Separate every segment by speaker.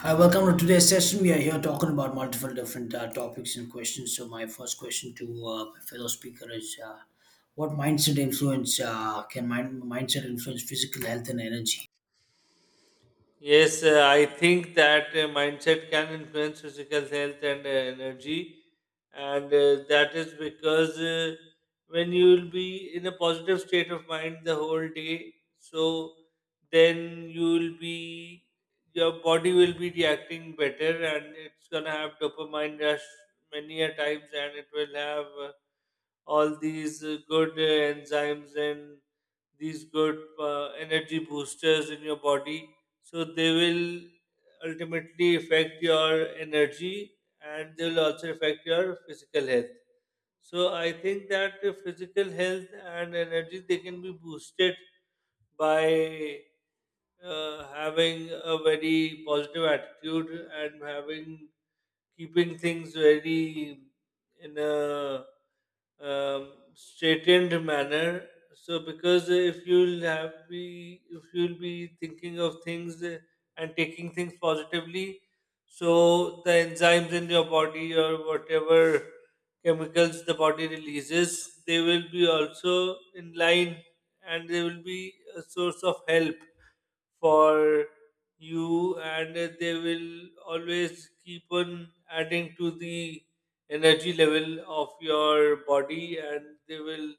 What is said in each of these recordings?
Speaker 1: Hi, welcome to today's session. We are here talking about multiple different topics and questions. So, my first question to my fellow speaker is what mindset influence can mind- mindset influence physical health and energy?
Speaker 2: Yes, I think that mindset can influence physical health and energy, and that is because when you will be in a positive state of mind the whole day, so then you will be your body will be reacting better, and it's gonna have dopamine rush many a times, and it will have all these good enzymes and these good energy boosters in your body so they will ultimately affect your energy and they will also affect your physical health so I think that the physical health and energy they can be boosted by having a very positive attitude and having keeping things very in a straightened manner. So, because if you'll have be if you'll be thinking of things and taking things positively, so the enzymes in your body or whatever chemicals the body releases, they will be also in line and they will be a source of help for you and they will always keep on adding to the energy level of your body and they will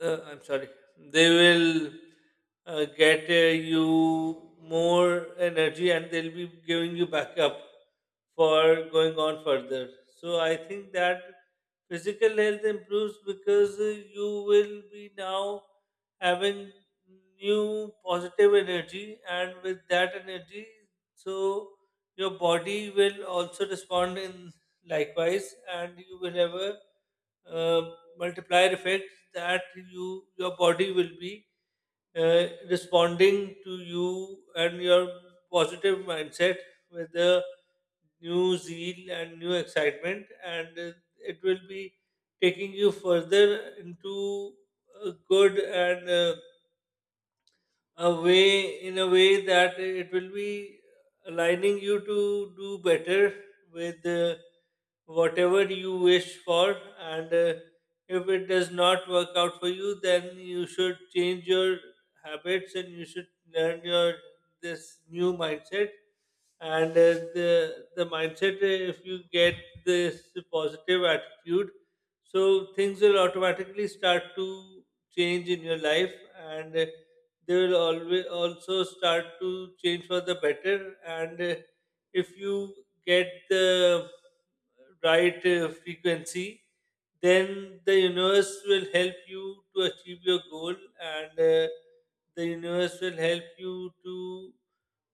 Speaker 2: I'm sorry, they will get you more energy and they'll be giving you backup for going on further. So I think that physical health improves because you will be now having new positive energy, and with that energy, so your body will also respond in likewise, and you will have a uh, multiplier effect that your body will be responding to you and your positive mindset with a new zeal and new excitement and it will be taking you further into a good and a way in a way that it will be aligning you to do better with whatever you wish for and if it does not work out for you then you should change your habits and you should learn your this new mindset and the mindset if you get this positive attitude so things will automatically start to change in your life and they will always also start to change for the better and if you get the right frequency then the universe will help you to achieve your goal and the universe will help you to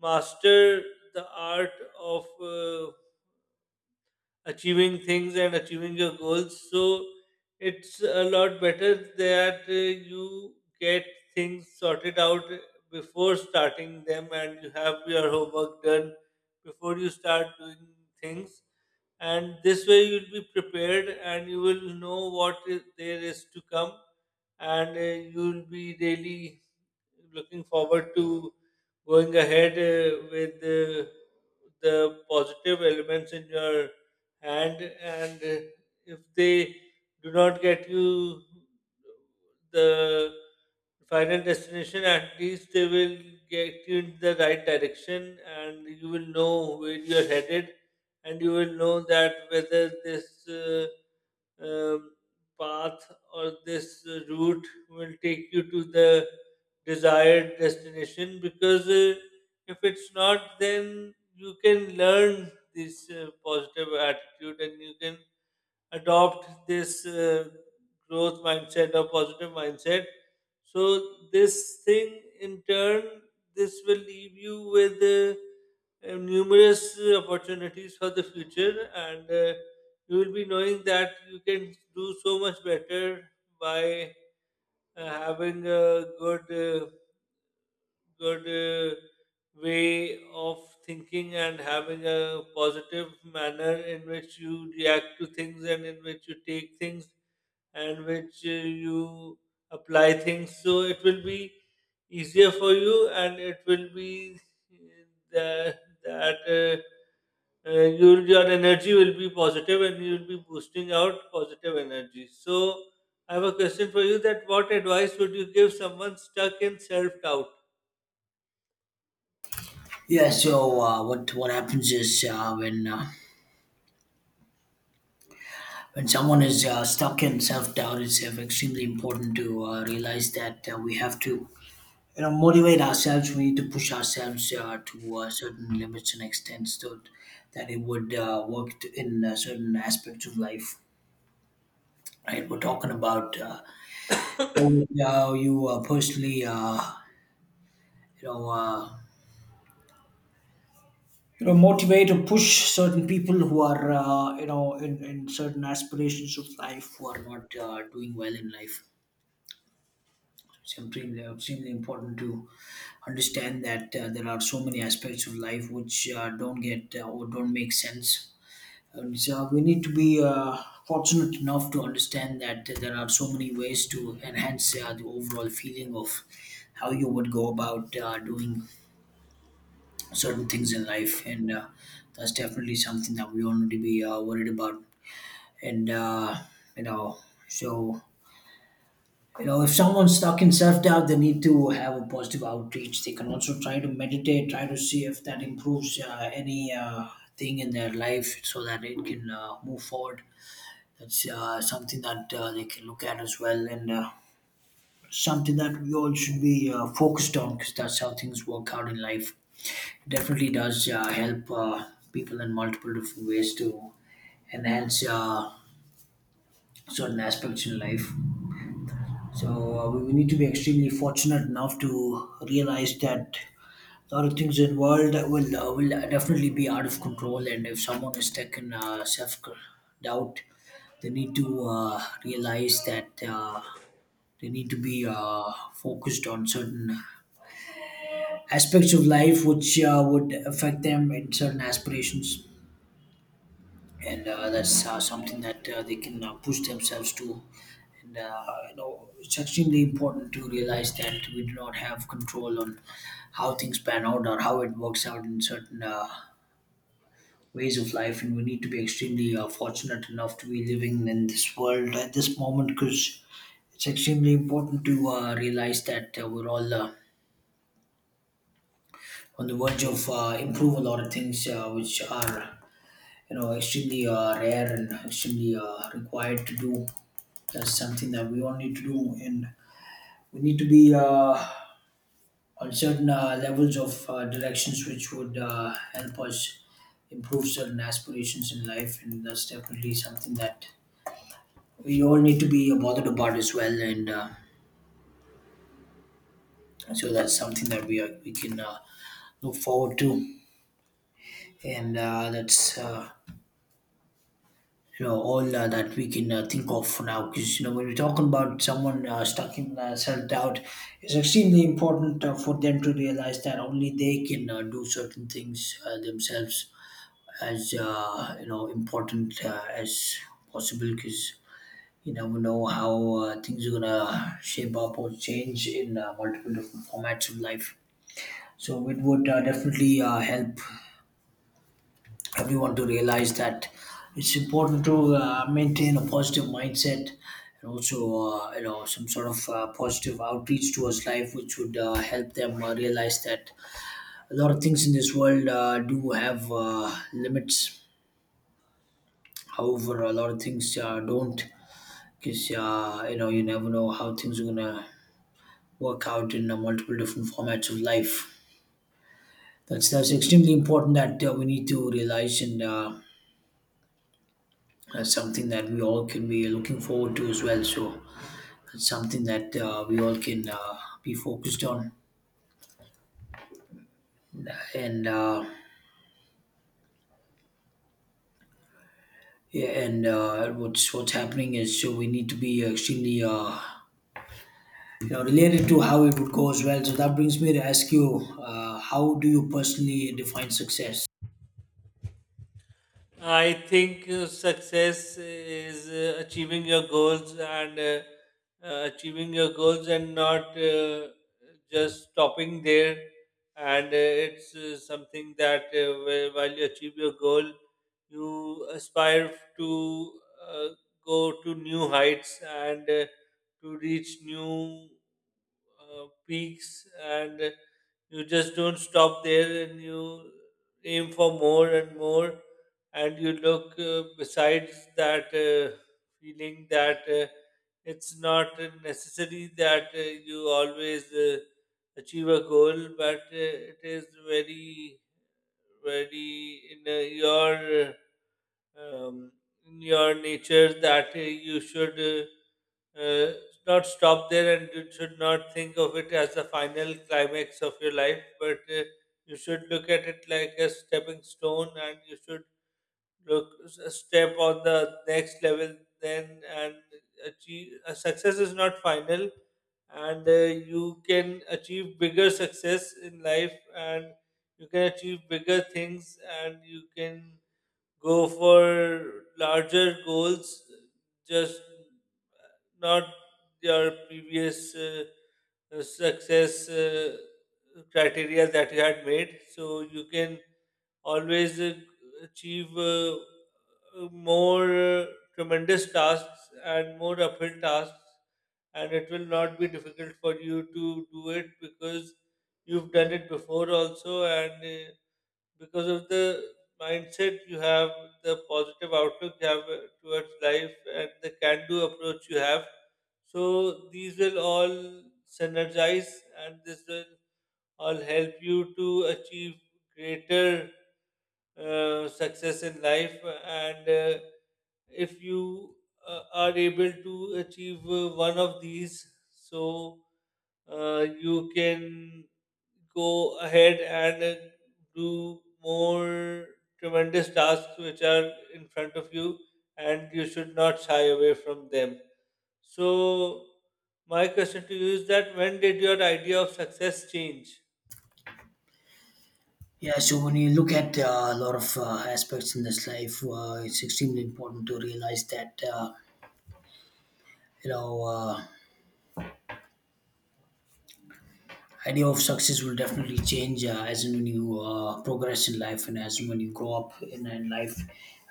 Speaker 2: master the art of achieving things and achieving your goals. So it's a lot better that you get things sorted out before starting them and you have your homework done before you start doing things. And this way you'll be prepared and you will know what is, there is to come and you'll be really looking forward to going ahead with the positive elements in your hand and if they do not get you the final destination at least they will get you in the right direction and you will know where you are headed and you will know that whether this um, path or this route will take you to the desired destination because if it's not, then you can learn this positive attitude and you can adopt this growth mindset or positive mindset. So, this thing in turn, this will leave you with numerous opportunities for the future, and you will be knowing that you can do so much better by having a good, good uh, way of thinking and having a positive manner in which you react to things and in which you take things and which you apply things. So it will be easier for you, and it will be that. uh, your energy will be positive and you will be boosting out positive energy, so I have a question for you: that what advice would you give someone stuck in self doubt?
Speaker 1: Yeah, so what happens is when someone is stuck in self doubt, it's extremely important to realize that we have to motivate ourselves. We need to push ourselves to certain limits and extents so that it would in certain aspects of life. Right? We're talking about how you personally, you know, uh, motivate or push certain people who are, in certain aspirations of life who are not doing well in life. It's extremely, extremely important to understand that there are so many aspects of life which don't get or don't make sense. And so we need to be fortunate enough to understand that there are so many ways to enhance the overall feeling of how you would go about doing certain things in life. And that's definitely something that we all need to be worried about. And, you know, so, you know, If someone's stuck in self doubt, they need to have a positive outreach. They can also try to meditate, try to see if that improves any thing in their life so that it can move forward. That's something that they can look at as well, and something that we all should be focused on because that's how things work out in life. It definitely does help people in multiple different ways to enhance certain aspects in life. So we need to be extremely fortunate enough to realize that a lot of things in the world will definitely be out of control, and if someone is stuck in self doubt, they need to realize that. They need to be focused on certain aspects of life which would affect them in certain aspirations, and that's something that they can push themselves to. And it's extremely important to realize that we do not have control on how things pan out or how it works out in certain ways of life, and we need to be extremely fortunate enough to be living in this world at this moment because it's extremely important to realize that we're all. On the verge of improve a lot of things which are extremely rare and extremely required to do. That's something that we all need to do, and we need to be on certain levels of directions which would help us improve certain aspirations in life, and that's definitely something that we all need to be bothered about as well, and so that's something that we can look forward to, and that's. You know all that we can think of now because when we are talking about someone stuck in self-doubt, it's extremely important for them to realize that only they can do certain things themselves as important as possible because you never know how things are gonna shape up or change in multiple different formats of life, so it would definitely help everyone to realize that it's important to maintain a positive mindset and also some sort of positive outreach towards life which would help them realize that a lot of things in this world do have limits, however a lot of things don't, because you never know how things are gonna work out in multiple different formats of life. That's extremely important that we need to realize, and that's something that we all can be looking forward to as well. So that's something that we all can be focused on. And uh, and what's happening is so we need to be extremely related to how it would go as well. So that brings me to ask you, how do you personally define success?
Speaker 2: I think success is achieving your goals and achieving your goals and not just stopping there. And it's something that while you achieve your goal, you aspire to uh, go to new heights and to reach new peaks. And you just don't stop there and you aim for more and more and you look besides that feeling that it's not necessary that you always achieve a goal but it is very very in your uh, um, in your nature that you should uh, not stop there and you should not think of it as the final climax of your life but you should look at it like a stepping stone and you should step on the next level then and achieve success is not final and you can achieve bigger success in life and you can achieve bigger things and you can go for larger goals just not your previous success criteria that you had made so you can always achieve more tremendous tasks and more uphill tasks, and it will not be difficult for you to do it because you've done it before also, and uh, because of the mindset you have, the positive outlook you have towards life, and the can do approach you have. So, these will all synergize and this will all help you to achieve greater success in life and if you are able to achieve one of these, so you can go ahead and do more tremendous tasks which are in front of you, and you should not shy away from them. So, my question to you is: that when did your idea of success change?
Speaker 1: Yeah, so when you look at a lot of aspects in this life, it's extremely important to realize that you know. Uh, idea of success will definitely change as and when you progress in life and as and when you grow up in life,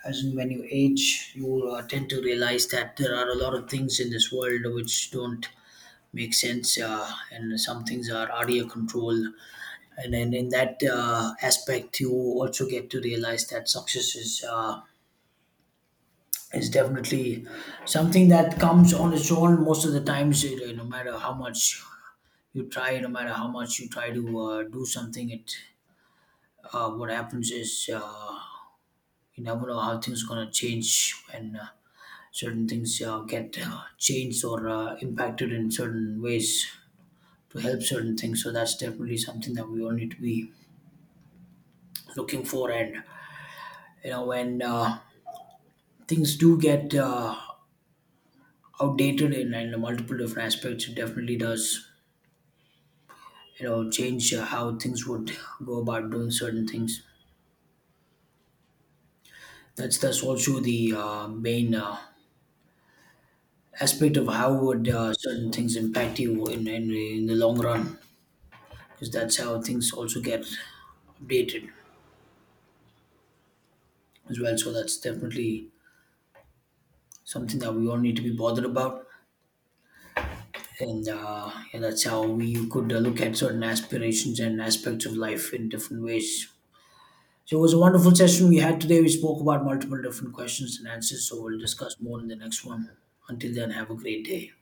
Speaker 1: as and when you age you will tend to realize that there are a lot of things in this world which don't make sense, and some things are out of your control, and then in that aspect you also get to realize that success is definitely something that comes on its own most of the times, no matter how much you try, no matter how much you try to do something it what happens is you never know how things going to change when certain things get changed or impacted in certain ways to help certain things, so that's definitely something that we all need to be looking for. And when things do get outdated in multiple different aspects, it definitely does change how things would go about doing certain things. That's also the main aspect of how would certain things impact you in the long run, because that's how things also get updated as well. So that's definitely something that we all need to be bothered about, and yeah, that's how we could look at certain aspirations and aspects of life in different ways. So it was a wonderful session we had today. We spoke about multiple different questions and answers. So we'll discuss more in the next one. Until then, have a great day.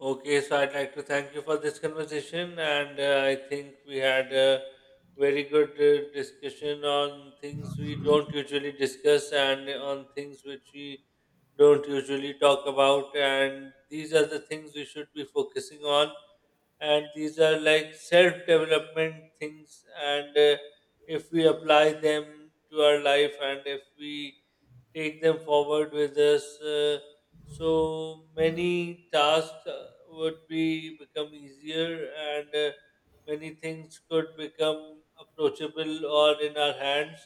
Speaker 2: Okay, so I'd like to thank you for this conversation, and I think we had a very good discussion on things we don't usually discuss and on things which we don't usually talk about. And these are the things we should be focusing on, and these are like self development things. And if we apply them to our life, and if we take them forward with us, so many tasks would be become easier, and many things could become approachable or in our hands.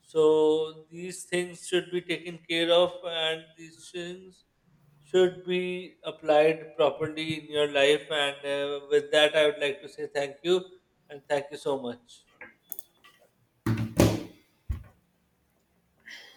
Speaker 2: So these things should be taken care of, and these things should be applied properly in your life. And with that, I would like to say thank you and thank you so much.